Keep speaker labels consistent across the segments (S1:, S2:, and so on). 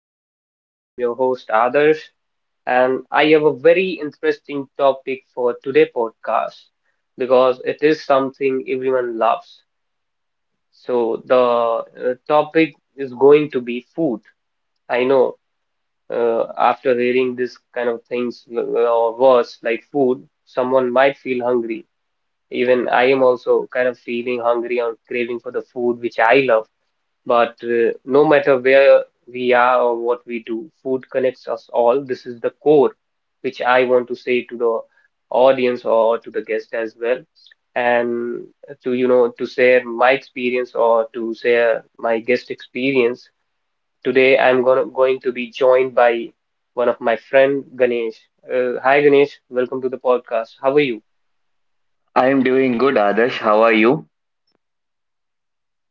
S1: podcast. I'm your host Adarsh and I have a very interesting topic for today podcast because it is something everyone loves. So the topic is going to be food. I know after hearing this kind of things or words like food, someone might feel hungry. Even I am also kind of feeling hungry or craving for the food which I love. But no matter where we are or what we do, food connects us all. This is the core, which I want to say to the audience or to the guest as well. And to share my experience or to share my guest experience, today I'm going to be joined by one of my friend, Ganesh. Hi, Ganesh. Welcome to the podcast. How are you?
S2: I am doing good, Adarsh. How are you?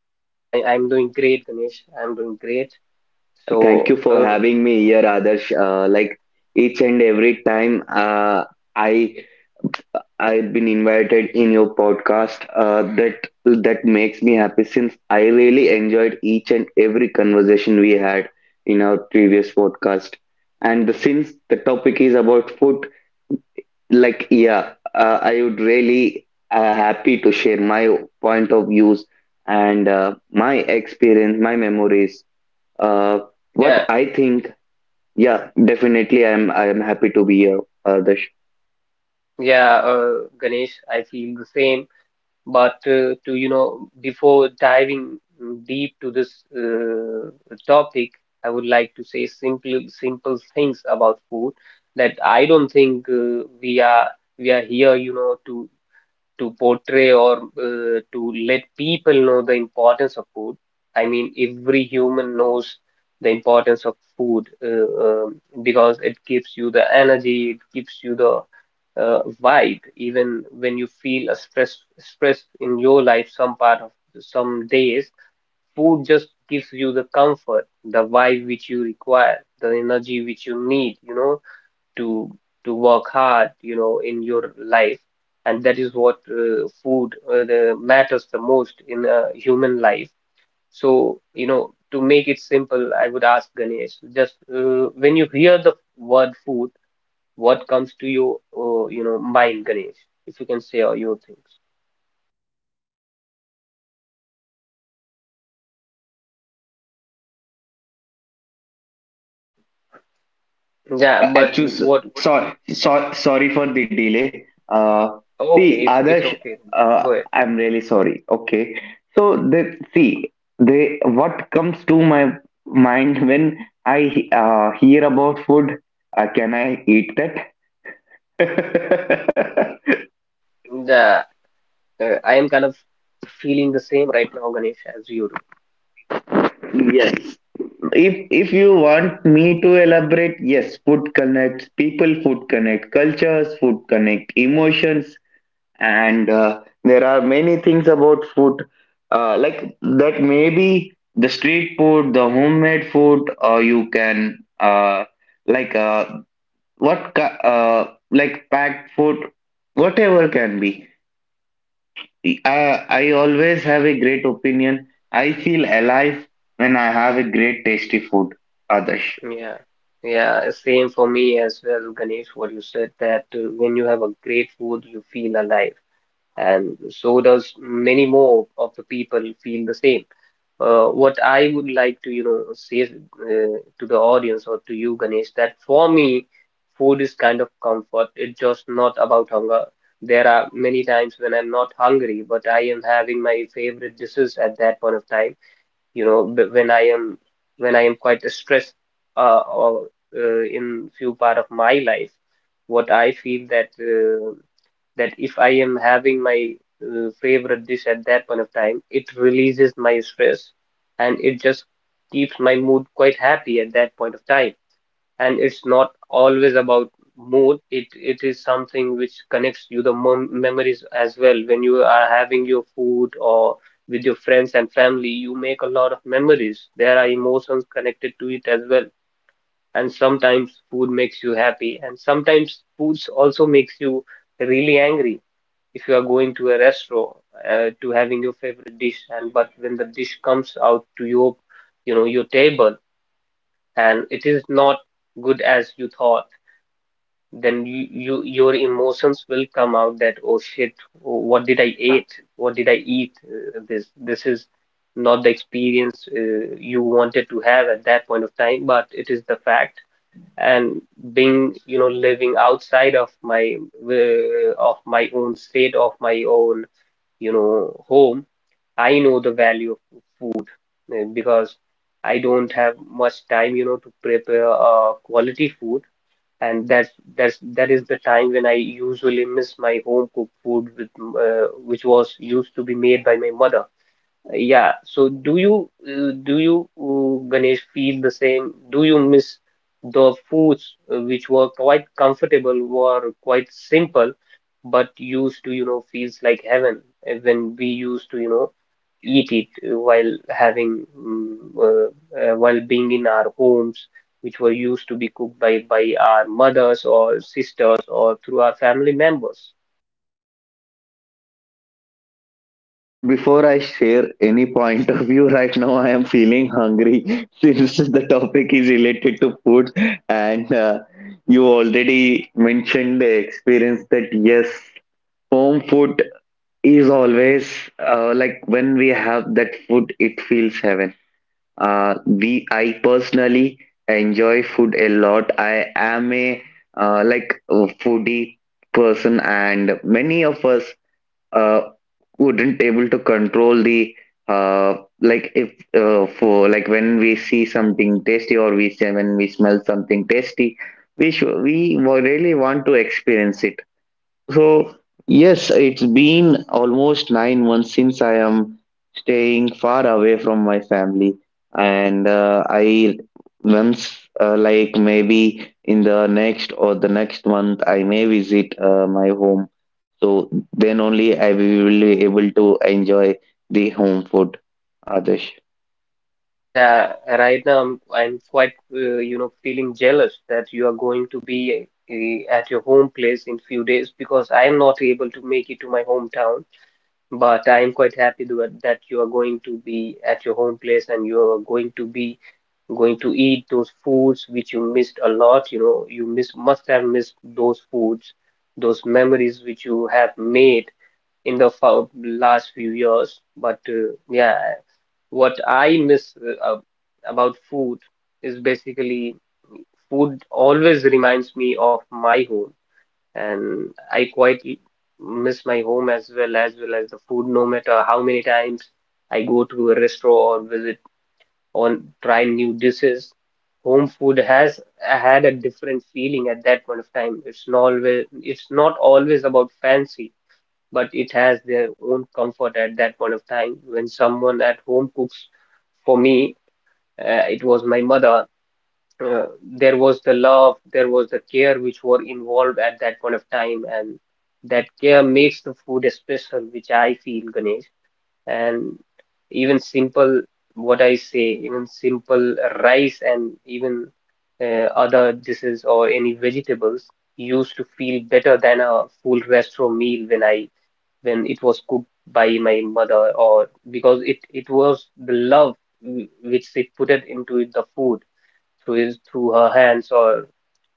S1: Yeah, I'm doing great, Ganesh. I'm doing great.
S2: Thank
S1: So,
S2: you for
S1: uh,
S2: having me here, Adarsh. Like each and every time I I've been invited in your podcast, that makes me happy since I really enjoyed each and every conversation we had in our previous podcast. And since the topic is about food, like yeah, I would really happy to share my point of views and my experience, my memories. Uh, what
S1: yeah.
S2: I think, yeah, definitely, I'm happy to be here, Darsh.
S1: Yeah, Ganesh, I feel the same. But before diving deep to this topic, I would like to say simple, simple things about food that I don't think we are here, to portray or to let people know the importance of food. I mean, every human knows the importance of food because it gives you the energy, it gives you the vibe, even when you feel a stress in your life, some part of some days, food just gives you the comfort, the vibe which you require, the energy which you need, to work hard, in your life, and that is what food the matters the most in a human life. So, to make it simple, I would ask Ganesh, just when you hear the word food, what comes to your, mind, Ganesh? If you can say all your things. Yeah,
S2: Uh,
S1: but
S2: Actually,
S1: what would
S2: sorry, sorry for the delay. See,
S1: Okay, it's
S2: Adarsh,
S1: okay.
S2: uh,
S1: Go ahead.
S2: I'm really sorry. Okay, so the what comes to my mind when I hear about food? Can I eat that?
S1: The I am kind of feeling the same right now, Ganesh, as you do.
S2: Yes, if you want me to elaborate, yes, food connects people, food connect cultures, food connect emotions, and there are many things about food, like that. Maybe the street food, the homemade food, or you can like uh, what ki- uh, like packed food, whatever can be. I always have a great opinion. I feel alive when I have a great tasty food, Adarsh.
S1: Yeah, yeah, same for me as well, Ganesh, what you said that when you have a great food, you feel alive, and so does many more of the people feel the same. What I would like to, say to the audience or to you, Ganesh, that for me, food is kind of comfort. It's just not about hunger. There are many times when I'm not hungry, but I am having my favorite dishes at that point of time, when I am quite stressed, or in few part of my life, what I feel that if I am having my favorite dish at that point of time, it releases my stress and it just keeps my mood quite happy at that point of time. And it's not always about mood, it is something which connects you the memories as well. When you are having your food or with your friends and family, you make a lot of memories. There are emotions connected to it as well, and sometimes food makes you happy and sometimes foods also makes you really angry. If you are going to a restaurant to having your favorite dish, and but when the dish comes out to your, your table, and it is not good as you thought, then you your emotions will come out that, oh shit, what did I eat, what did I eat. This is not the experience you wanted to have at that point of time, but it is the fact. And being, living outside of my, of my own state, of my own, home, I know the value of food. Because I don't have much time, to prepare quality food, and that is the time when I usually miss my home cooked food with which was used to be made by my mother. Yeah, so do you Ganesh feel the same? Do you miss the foods which were quite comfortable, were quite simple, but used to, feels like heaven, when we used to, eat it, while having, while being in our homes, which were used to be cooked by our mothers or sisters or through our family members.
S2: Before I share any point of view right now, I am feeling hungry since the topic is related to food. And you already mentioned the experience that yes, home food is always like when we have that food, it feels heaven. I personally enjoy food a lot. I am a like a foodie person, and many of us uh, wouldn't able to control the uh, like if for like when we see something tasty or we say when we smell something tasty we should, we wa- really want to experience it so, yes, it's been almost 9 months since I am staying far away from my family. And I once, like maybe in the next or the next month, I may visit my home. So then only I will be able to enjoy the home food, Adesh.
S1: Yeah, right now I'm quite, feeling jealous that you are going to be at your home place in few days, because I'm not able to make it to my hometown. But I'm quite happy that you are going to be at your home place and you are going to be going to eat those foods which you missed a lot. You know, you miss must have missed those foods, those memories which you have made in the last few years. But yeah, what I miss uh, about food is basically food always reminds me of my home, and I quite miss my home as well as the food. No matter how many times I go to a restaurant or visit on try new dishes, home food has had a different feeling at that point of time. It's not always about fancy, but it has their own comfort at that point of time when someone at home cooks for me, it was my mother. Uh, there was the love, there was the care which were involved at that point of time, and that care makes the food special, which I feel, Ganesh. And even simple, what I say, even simple rice and even other dishes or any vegetables used to feel better than a full restaurant meal, when it was cooked by my mother, or because it was the love which she put it into the food through his through her hands, or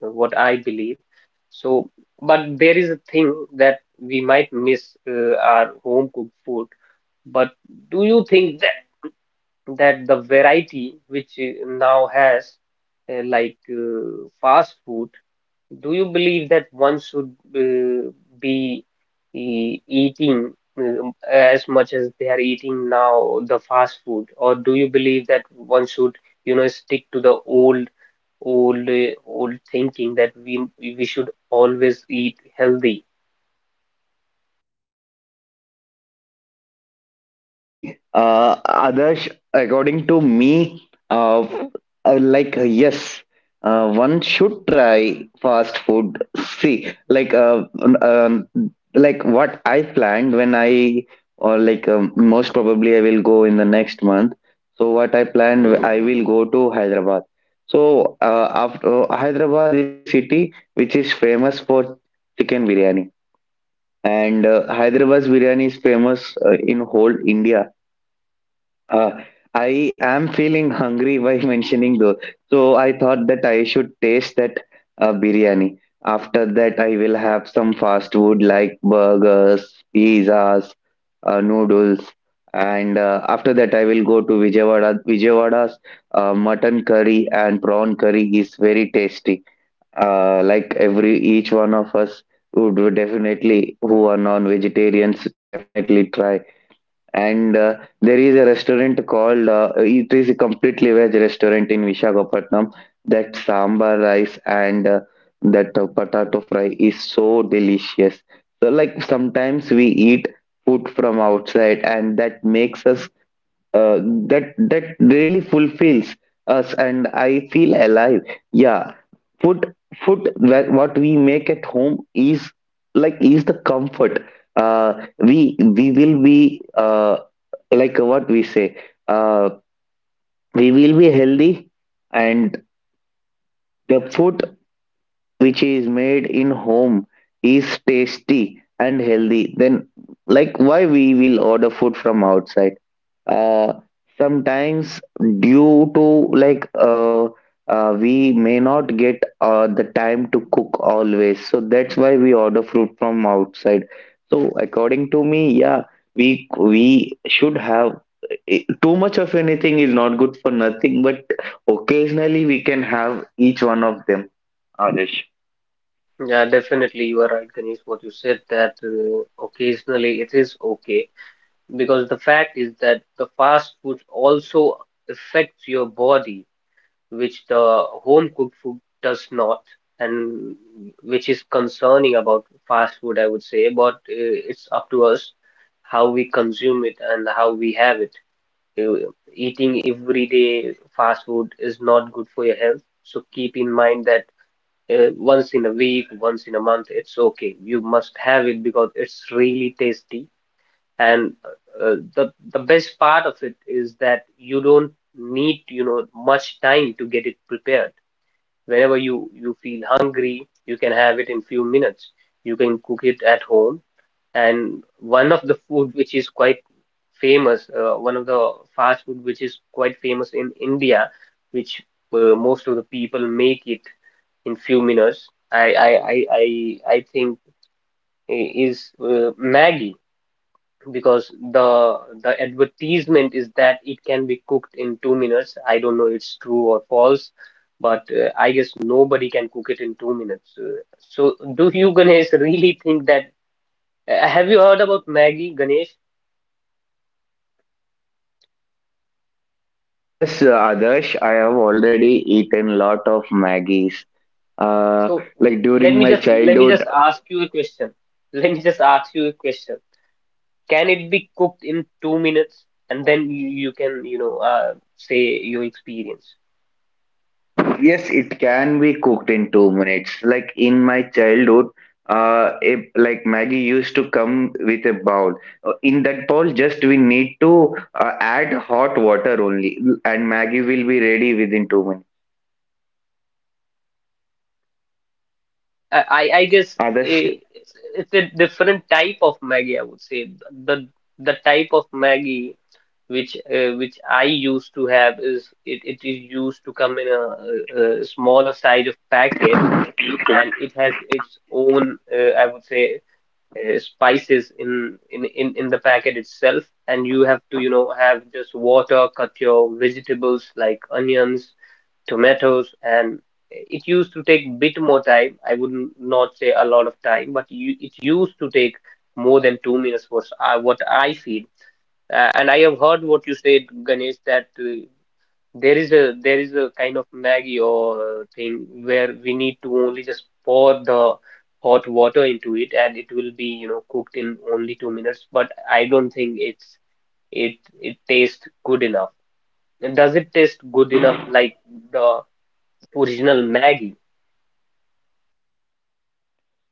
S1: what I believe. So, but there is a thing that we might miss our home cooked food. But do you think that the variety which now has, fast food, do you believe that one should be eating, as much as they are eating now, the fast food, or do you believe that one should, stick to the old, old thinking that we should always eat healthy?
S2: See, uh, Adarsh, according to me, uh, yes, one should try fast food. See, like, uh, um, um, like what I planned when I, or like, most probably I will go in the next month. So, what I planned, I will go to Hyderabad. So, after Hyderabad is a city which is famous for chicken biryani, and Hyderabad's biryani is famous in whole India. uh, I am feeling hungry by mentioning those. So I thought that I should taste that biryani. After that, I will have some fast food like burgers, pizzas, noodles, and after that, I will go to Vijayawada. Vijayawada's mutton curry and prawn curry is very tasty. Like every each one of us would definitely, who are non-vegetarians, definitely try. And there is a restaurant called, it is a completely veg restaurant in Visakhapatnam. That sambar rice and that potato fry is so delicious. So, like, sometimes we eat food from outside, and that makes us, uh, that really fulfills us, and I feel alive. Yeah, food, what we make at home is like is the comfort, we will be like what we say, uh, we will be healthy and the food which is made in home is tasty and healthy. Then like why we will order food from outside? uh, Sometimes due to we may not get the time to cook always, so that's why we order fruit from outside. So according to me, yeah, we should have too much of anything is not good for nothing, but occasionally we can have each one of them, Adesh.
S1: Yeah, definitely, you are right, Ganesh. What you said, that occasionally it is okay, because the fact is that the fast food also affects your body, which the home cooked food does not, and which is concerning about fast food, I would say. But it's up to us how we consume it and how we have it. Uh, Eating everyday fast food is not good for your health, so keep in mind that once in a week, once in a month, it's okay. You must have it because it's really tasty. And the best part of it is that you don't need, much time to get it prepared, whenever you feel hungry you can have it in few minutes, you can cook it at home, and one of the food which is quite famous, one of the fast food which is quite famous in India, which most of the people make it in few minutes, I think is Maggie, because the advertisement is that it can be cooked in 2 minutes. I don't know it's true or false, but I guess nobody can cook it in 2 minutes. So do you, Ganesh, really think that? Have you heard about Maggie, Ganesh?
S2: Yes, yes, Adarsh, I have already eaten lot of Maggies. Uh,
S1: So
S2: like
S1: let
S2: during
S1: me
S2: my
S1: just let me
S2: childhood,
S1: just ask you a question. Let me just ask you a question. Can it be cooked in 2 minutes? And then you can, say your experience.
S2: yes, it can be cooked in 2 minutes. Like in my childhood, if, like Maggie used to come with a bowl. In that bowl, just we need to add hot water only, and Maggie will be ready within 2 minutes.
S1: But I guess
S2: Others.
S1: it's a different type of Maggie, I would say. The the type of Maggie which I used to have is it, it is used to come in a smaller size of packet, and it has its own I would say spices in the packet itself, and you have to have just water, cut your vegetables like onions, tomatoes, and it used to take bit more time. I would not say a lot of time, but you, it used to take more than 2 minutes was what I feel. And I have heard what you said, Ganesh, that there is a kind of Maggie or thing where we need to only just pour the hot water into it, and it will be cooked in only 2 minutes, but I don't think it's it tastes good enough. And does it taste good enough like the original Maggie?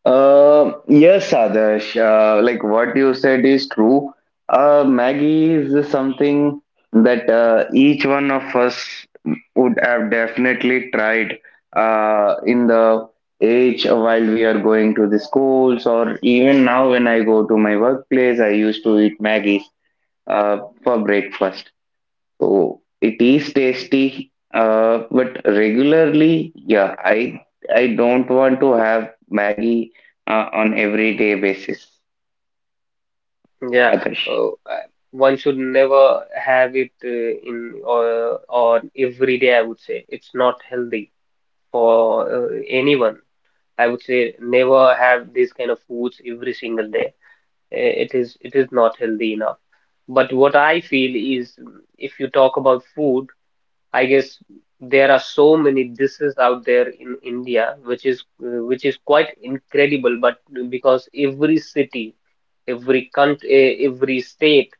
S2: Yes, Adarsh, like what you said is true. Maggie is something that each one of us would have definitely tried in the age while we are going to the schools, or even now when I go to my workplace, I used to eat Maggie's uh, for breakfast. Oh, it is tasty, but regularly, yeah, I don't want to have Maggie on everyday basis,
S1: Yeah,
S2: Adarsh.
S1: uh, uh, one should never have it in or every day. I would say it's not healthy for anyone. I would say never have this kind of foods every single day. It is not healthy enough. But what I feel is, if you talk about food. I guess there are so many diseases out there in India, which is quite incredible. But because every city, every country, every state,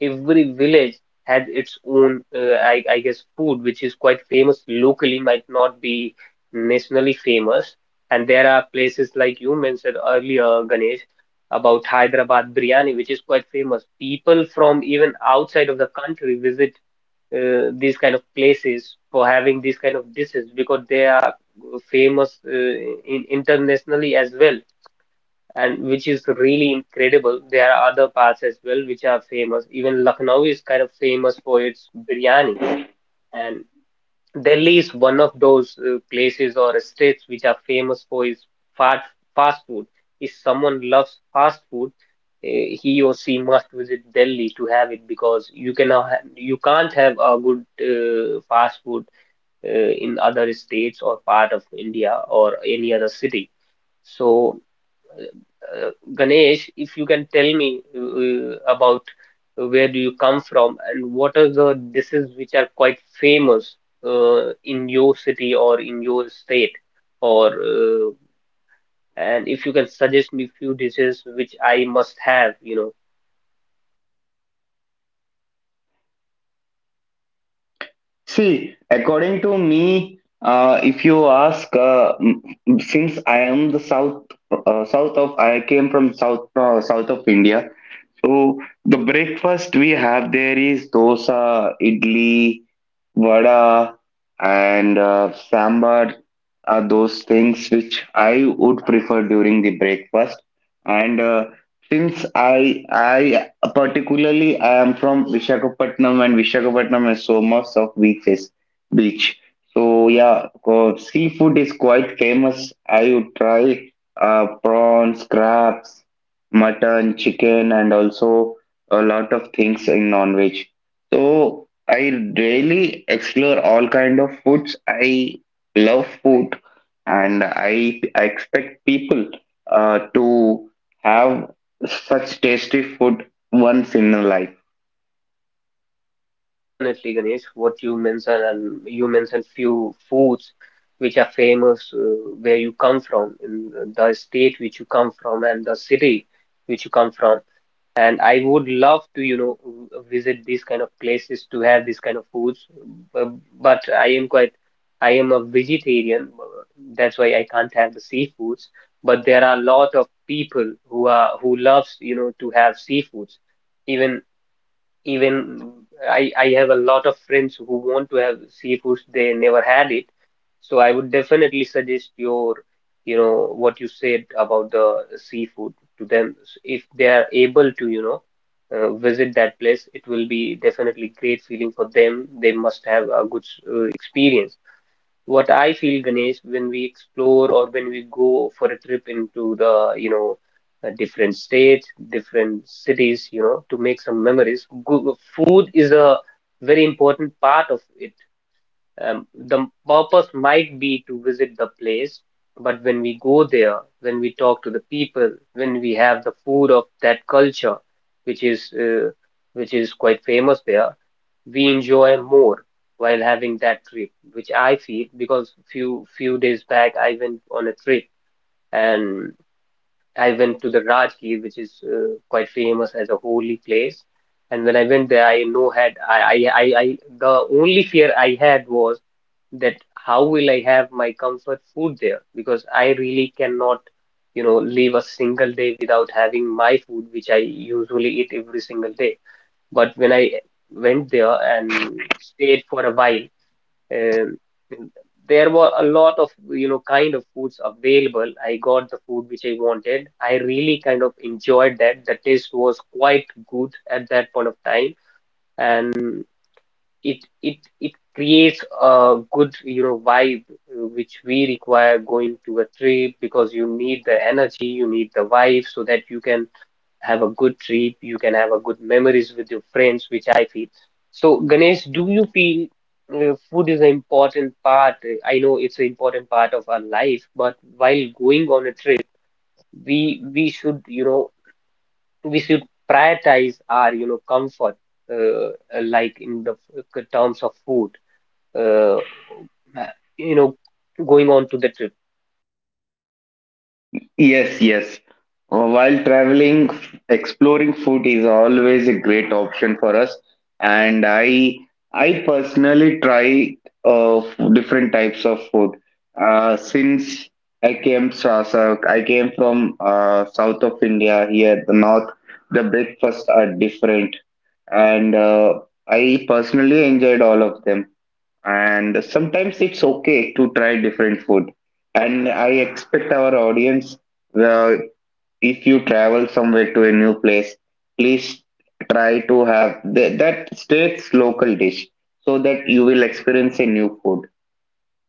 S1: every village has its own, I guess, food, which is quite famous locally, might not be nationally famous. And there are places like you mentioned earlier, Ganesh, about Hyderabad biryani, which is quite famous. People from even outside of the country visit these kind of places for having these kind of dishes because they are famous in internationally as well, and which is really incredible. There are other parts as well which are famous. Even Lucknow is kind of famous for its biryani, and Delhi is one of those places or states which are famous for its fast fast food. If someone loves fast food, he or she must visit Delhi to have it, because you cannot ha you can't have a good fast food in other states or part of India or any other city. So Ganesh, if you can tell me about where do you come from and what are the dishes which are quite famous in your city or in your state, or and if you can suggest me few dishes which I must have,
S2: See, according to me, if you ask, since I am the south, I came from south, south of India. So the breakfast we have there is dosa, idli, vada, and sambar are those things which I would prefer during the breakfast. And since I particularly I am from Vishakhapatnam and Vishakhapatnam has so much of beach. So yeah, seafood is quite famous. I would try prawns, crabs, mutton, chicken, and also a lot of things in non-veg. So I really explore all kind of foods. I love food, and I expect people to have such tasty food once in a life.
S1: definitely Ganesh, what you mentioned, and you mentioned few foods which are famous where you come from, in the state which you come from and the city which you come from. And I would love to, you know, v- visit these kind of places to have these kind of foods. uh, But I am quite, I am a vegetarian. That's why I can't have the seafoods. But there are a lot of people who are who loves, you know, to have seafoods. Even even I have a lot of friends who want to have seafoods, they never had it. So I would definitely suggest your, you know, what you said about the seafood to them. S- If they are able to, you know, visit that place, it will be definitely great feeling for them. They must have a good s- experience. What I feel, Ganesh, when we explore or when we go for a trip into the, you know, different states, different cities, you know, to make some memories, go, food is a very important part of it. The purpose might be to visit the place, but when we go there, when we talk to the people, when we have the food of that culture, which is uh, which is quite famous there, we enjoy more while having that trip, which I feel, because few days back I went on a trip, and I went to the Rajgir, which is quite famous as a holy place. And when I went there, I no had I the only fear I had was that how will I have my comfort food there, because I really cannot you know live a single day without having my food, which I usually eat every single day. But when I went there and stayed for a while, um, there were a lot of, you know, kind of foods available. I got the food which I wanted. I really kind of enjoyed that. The taste was quite good at that point of time, and it creates a good, you know, vibe which we require going to a trip, because you need the energy, you need the vibe so that you can have a good trip, you can have a good memories with your friends, which I feel. So, Ganesh, do you feel food is an important part? I know it's an important part of our life, but while going on a trip, we should, you know, we should prioritize our, you know, comfort, uh, like in the f- terms of food, uh, you know, going on to the trip.
S2: Yes, yes. While traveling, exploring food is always a great option for us. And I personally try uh, different types of food. Since I came from south of India. Here, the north, the breakfasts are different, and I personally enjoyed all of them, and sometimes it's okay to try different food, and I expect our audience uh, if you travel somewhere to a new place, please try to have that state's local dish so that you will experience a new food.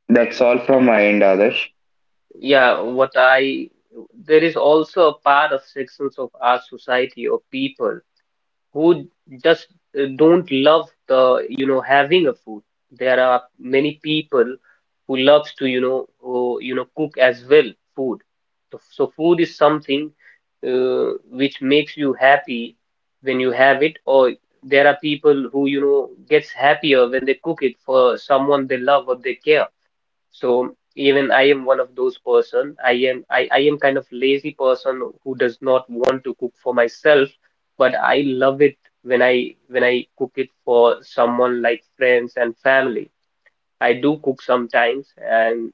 S2: That's all from
S1: Yeah,
S2: my end, others.
S1: yeah. What I there is also a part of sections of our society or people who just don't love the you know having a food. There are many people who loves to you know who, you know cook as well food. So, so food is something which makes you happy when you have it, or there are people who you know gets happier when they cook it for someone they love or they care. So even I am one of those person. I am I am kind of lazy person who does not want to cook for myself, but I love it when I cook it for someone like friends and family. I do cook sometimes, and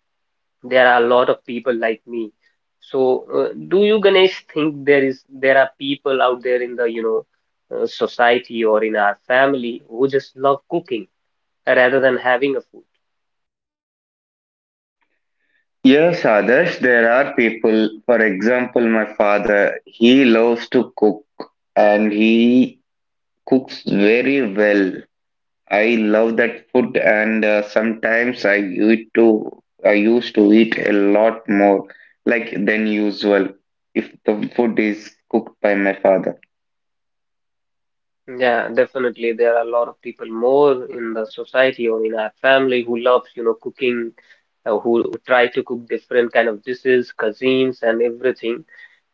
S1: there are a lot of people like me. So, do you Ganesh think there is there are people out there in the you know society or in our family who just love cooking rather than having a food?
S2: Yes, others, there are people. For example, my father, he loves to cook, and he cooks very well. I love that food, and sometimes I used to eat a lot more, like than usual, if the food is cooked by my father.
S1: Yeah, definitely. There are a lot of people more in the society or in our family who loves, you know, cooking, who try to cook different kind of dishes, cuisines, and everything,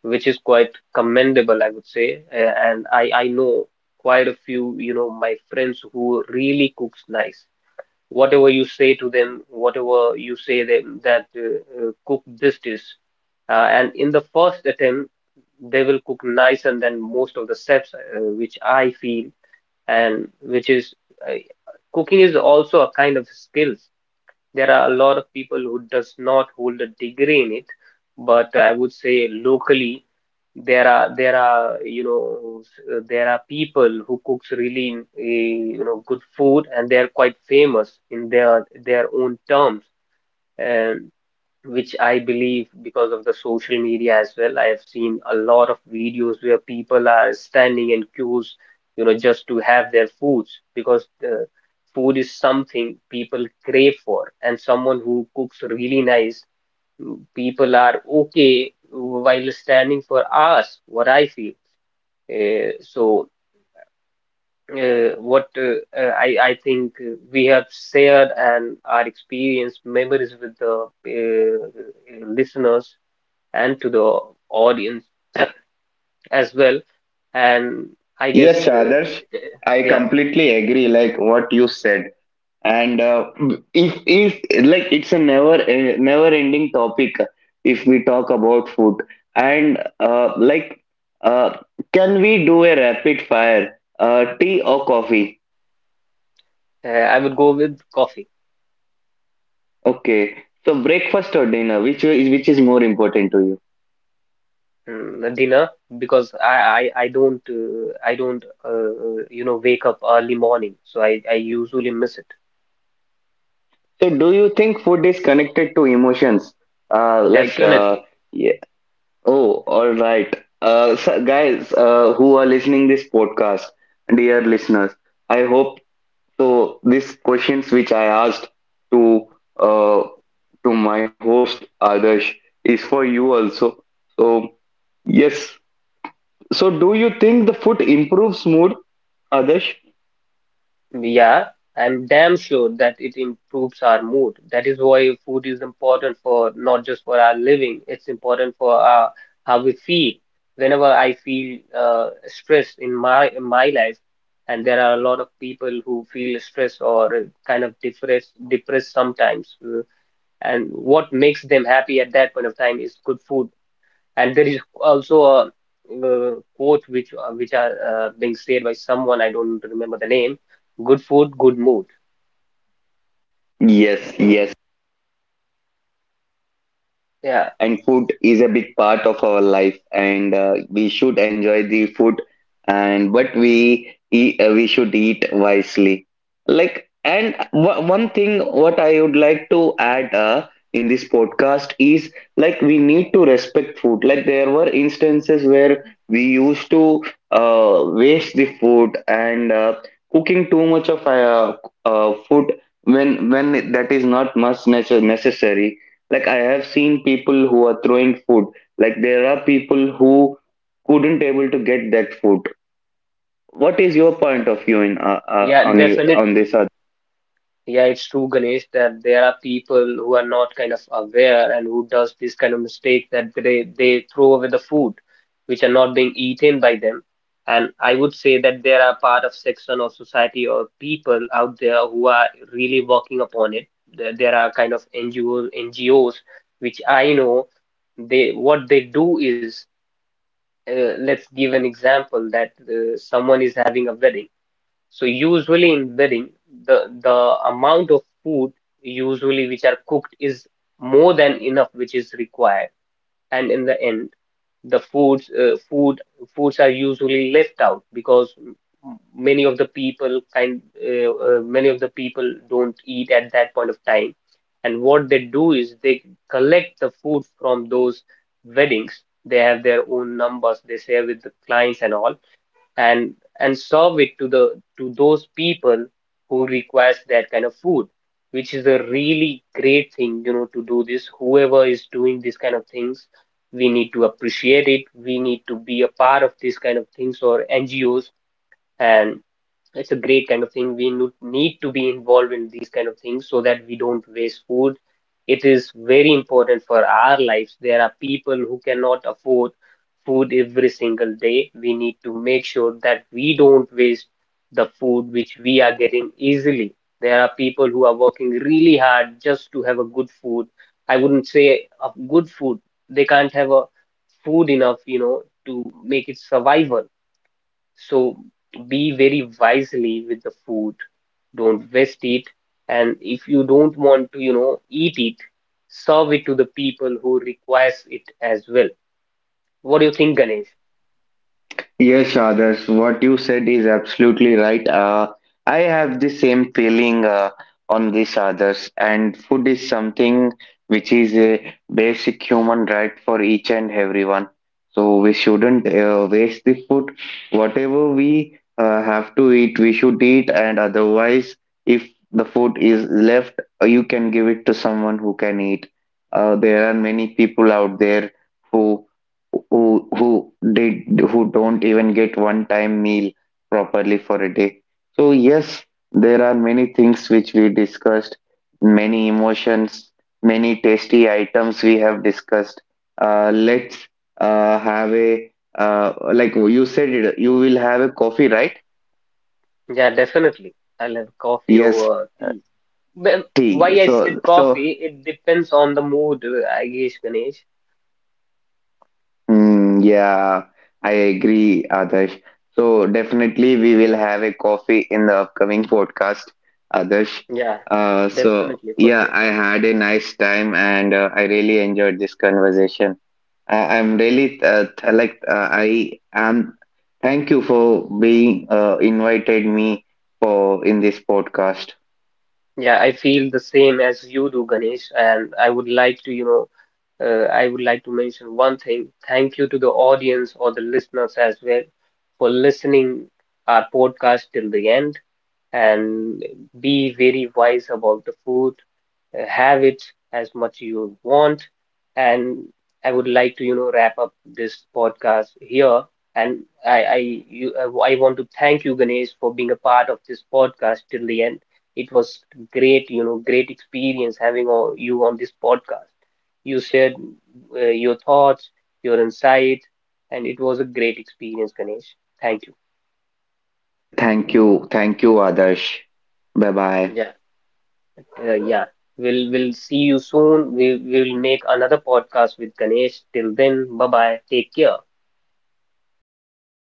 S1: which is quite commendable, I would say. And I know quite a few, you know, my friends who really cooks nice. Whatever you say to them, whatever you say them that cook this dish, and in the first attempt they will cook nice, and then most of the chefs, which I feel and which is uh, cooking is also a kind of skills. There are a lot of people who does not hold a degree in it, but I would say locally there are you know there are people who cooks really you know good food, and they are quite famous in their own terms. And which I believe because of the social media as well. I have seen a lot of videos where people are standing in queues, you know, just to have their foods because food is something people crave for, and someone who cooks really nice, people are okay while standing for hours, what I feel. So what I think we have shared and our experience memories with the listeners and to the audience as well. And I
S2: Yes,
S1: guess,
S2: Adarsh, I
S1: yeah,
S2: completely agree. Like what you said, and if like it's a never never ending topic if we talk about food, and uh, can we do a rapid fire? Tea or coffee?
S1: I would go with coffee.
S2: Okay. So breakfast or dinner, which is more important to you?
S1: Dinner, because I don't you know wake up early morning, so I usually miss it.
S2: So do you think food is connected to emotions? Uh, like uh,
S1: Definitely.
S2: yeah. Oh, all right. So guys, who are listening this podcast, dear listeners, I hope so. These questions which I asked to uh to my host Adarsh is for you also. So yes. So do you think the food improves mood, Adarsh?
S1: Yeah, I'm damn sure that it improves our mood. That is why food is important for not just for our living, it's important for our, how we feel. Whenever I feel stressed in my life, and there are a lot of people who feel stressed or kind of depressed sometimes, and what makes them happy at that point of time is good food. And there is also a quote which are being said by someone, I don't remember the name. Good food, good mood.
S2: Yes, yes. Yes, ex What you said is right.
S1: Yeah,
S2: And food is a big part of our life, and we should enjoy the food. And but we eat, we should eat wisely. Like, and w one thing what I would like to add in this podcast is like we need to respect food. Like there were instances where we used to waste the food and cooking too much of food that is not much necessary. Like I have seen people who are throwing food, like there are people who couldn't able to get that food. What is your
S1: yeah,
S2: point of view in
S1: yeah.
S2: on you
S1: Definitely.
S2: on this?
S1: Yeah, it's true, Ganesh, that there are people who are not kind of aware and who does this kind of mistake that they throw away the food which are not being eaten by them. And I would say that there are part of section of society or people out there who are really working upon it. There are kind of NGOs which I know they what they do is let's give an example that someone is having a wedding, so usually in wedding, the amount of food usually which are cooked is more than enough which is required. And in the end, the foods are usually left out because many of the people kind many of the people don't eat at that point of time. And what they do is they collect the food from those weddings. They have their own numbers. They share with the clients and all, and and serve it to the to those people who requires that kind of food, which is a really great thing, you know, to do this. Whoever is doing this kind of things, we need to appreciate it. We need to be a part of this kind of things or NGOs, and it's a great kind of thing. We nu- need to be involved in these kind of things so that we don't waste food. It is very important for our lives. There are people who cannot afford food every single day. We need to make sure that we don't waste the food which we are getting easily. There are people who are working really hard just to have a good food. I wouldn't say a good food. They can't have a food enough, you know, to make it survival. So be very wisely with the food. Don't waste it. And if you don't want to, you know, eat it, serve it to the people who requires it as well. What do you think, Ganesh?
S2: Yes, others. What you said is absolutely right. I have the same feeling on this, others. And food is something which is a basic human right for each and everyone. So we shouldn't waste the food. Whatever we have to eat, we should eat. And otherwise, if the food is left, you can give it to someone who can eat. There are many people out there who who who who don't even get one time meal properly for a day. So yes, there are many things which we discussed, many emotions, many tasty items we have discussed. Let's Have a, like you said it, you will have a coffee, right?
S1: Yeah, definitely. I'll have coffee
S2: Yes,
S1: over tea. Well,
S2: tea.
S1: why I said
S2: So
S1: coffee, it depends on the mood, I guess, Ganesh.
S2: Hmm, yeah, I agree, Adarsh. So definitely we will have a coffee in the upcoming podcast, Adarsh.
S1: Yeah,
S2: So
S1: definitely, for
S2: yeah,
S1: sure.
S2: I had a nice time and I really enjoyed this conversation. I'm really I am. Thank you for being invited me for in this podcast.
S1: Yeah, I feel the same as you do, Ganesh, and I would like to, you know, I would like to mention one thing. Thank you to the audience or the listeners as well for listening our podcast till the end, and be very wise about the food. Have it as much you want. And I would like to, you know, wrap up this podcast here. And I, I, you, I want to thank you, Ganesh, for being a part of this podcast till the end. It was great, you know, great experience having all, you on this podcast. You shared your thoughts, your insight, and it was a great experience, Ganesh. Thank you.
S2: Yeah, thank you, Adarsh. Bye bye,
S1: Jai yeah, we'll see you soon. We'll make another podcast with Ganesh. Till then, bye bye. Take care.
S2: bye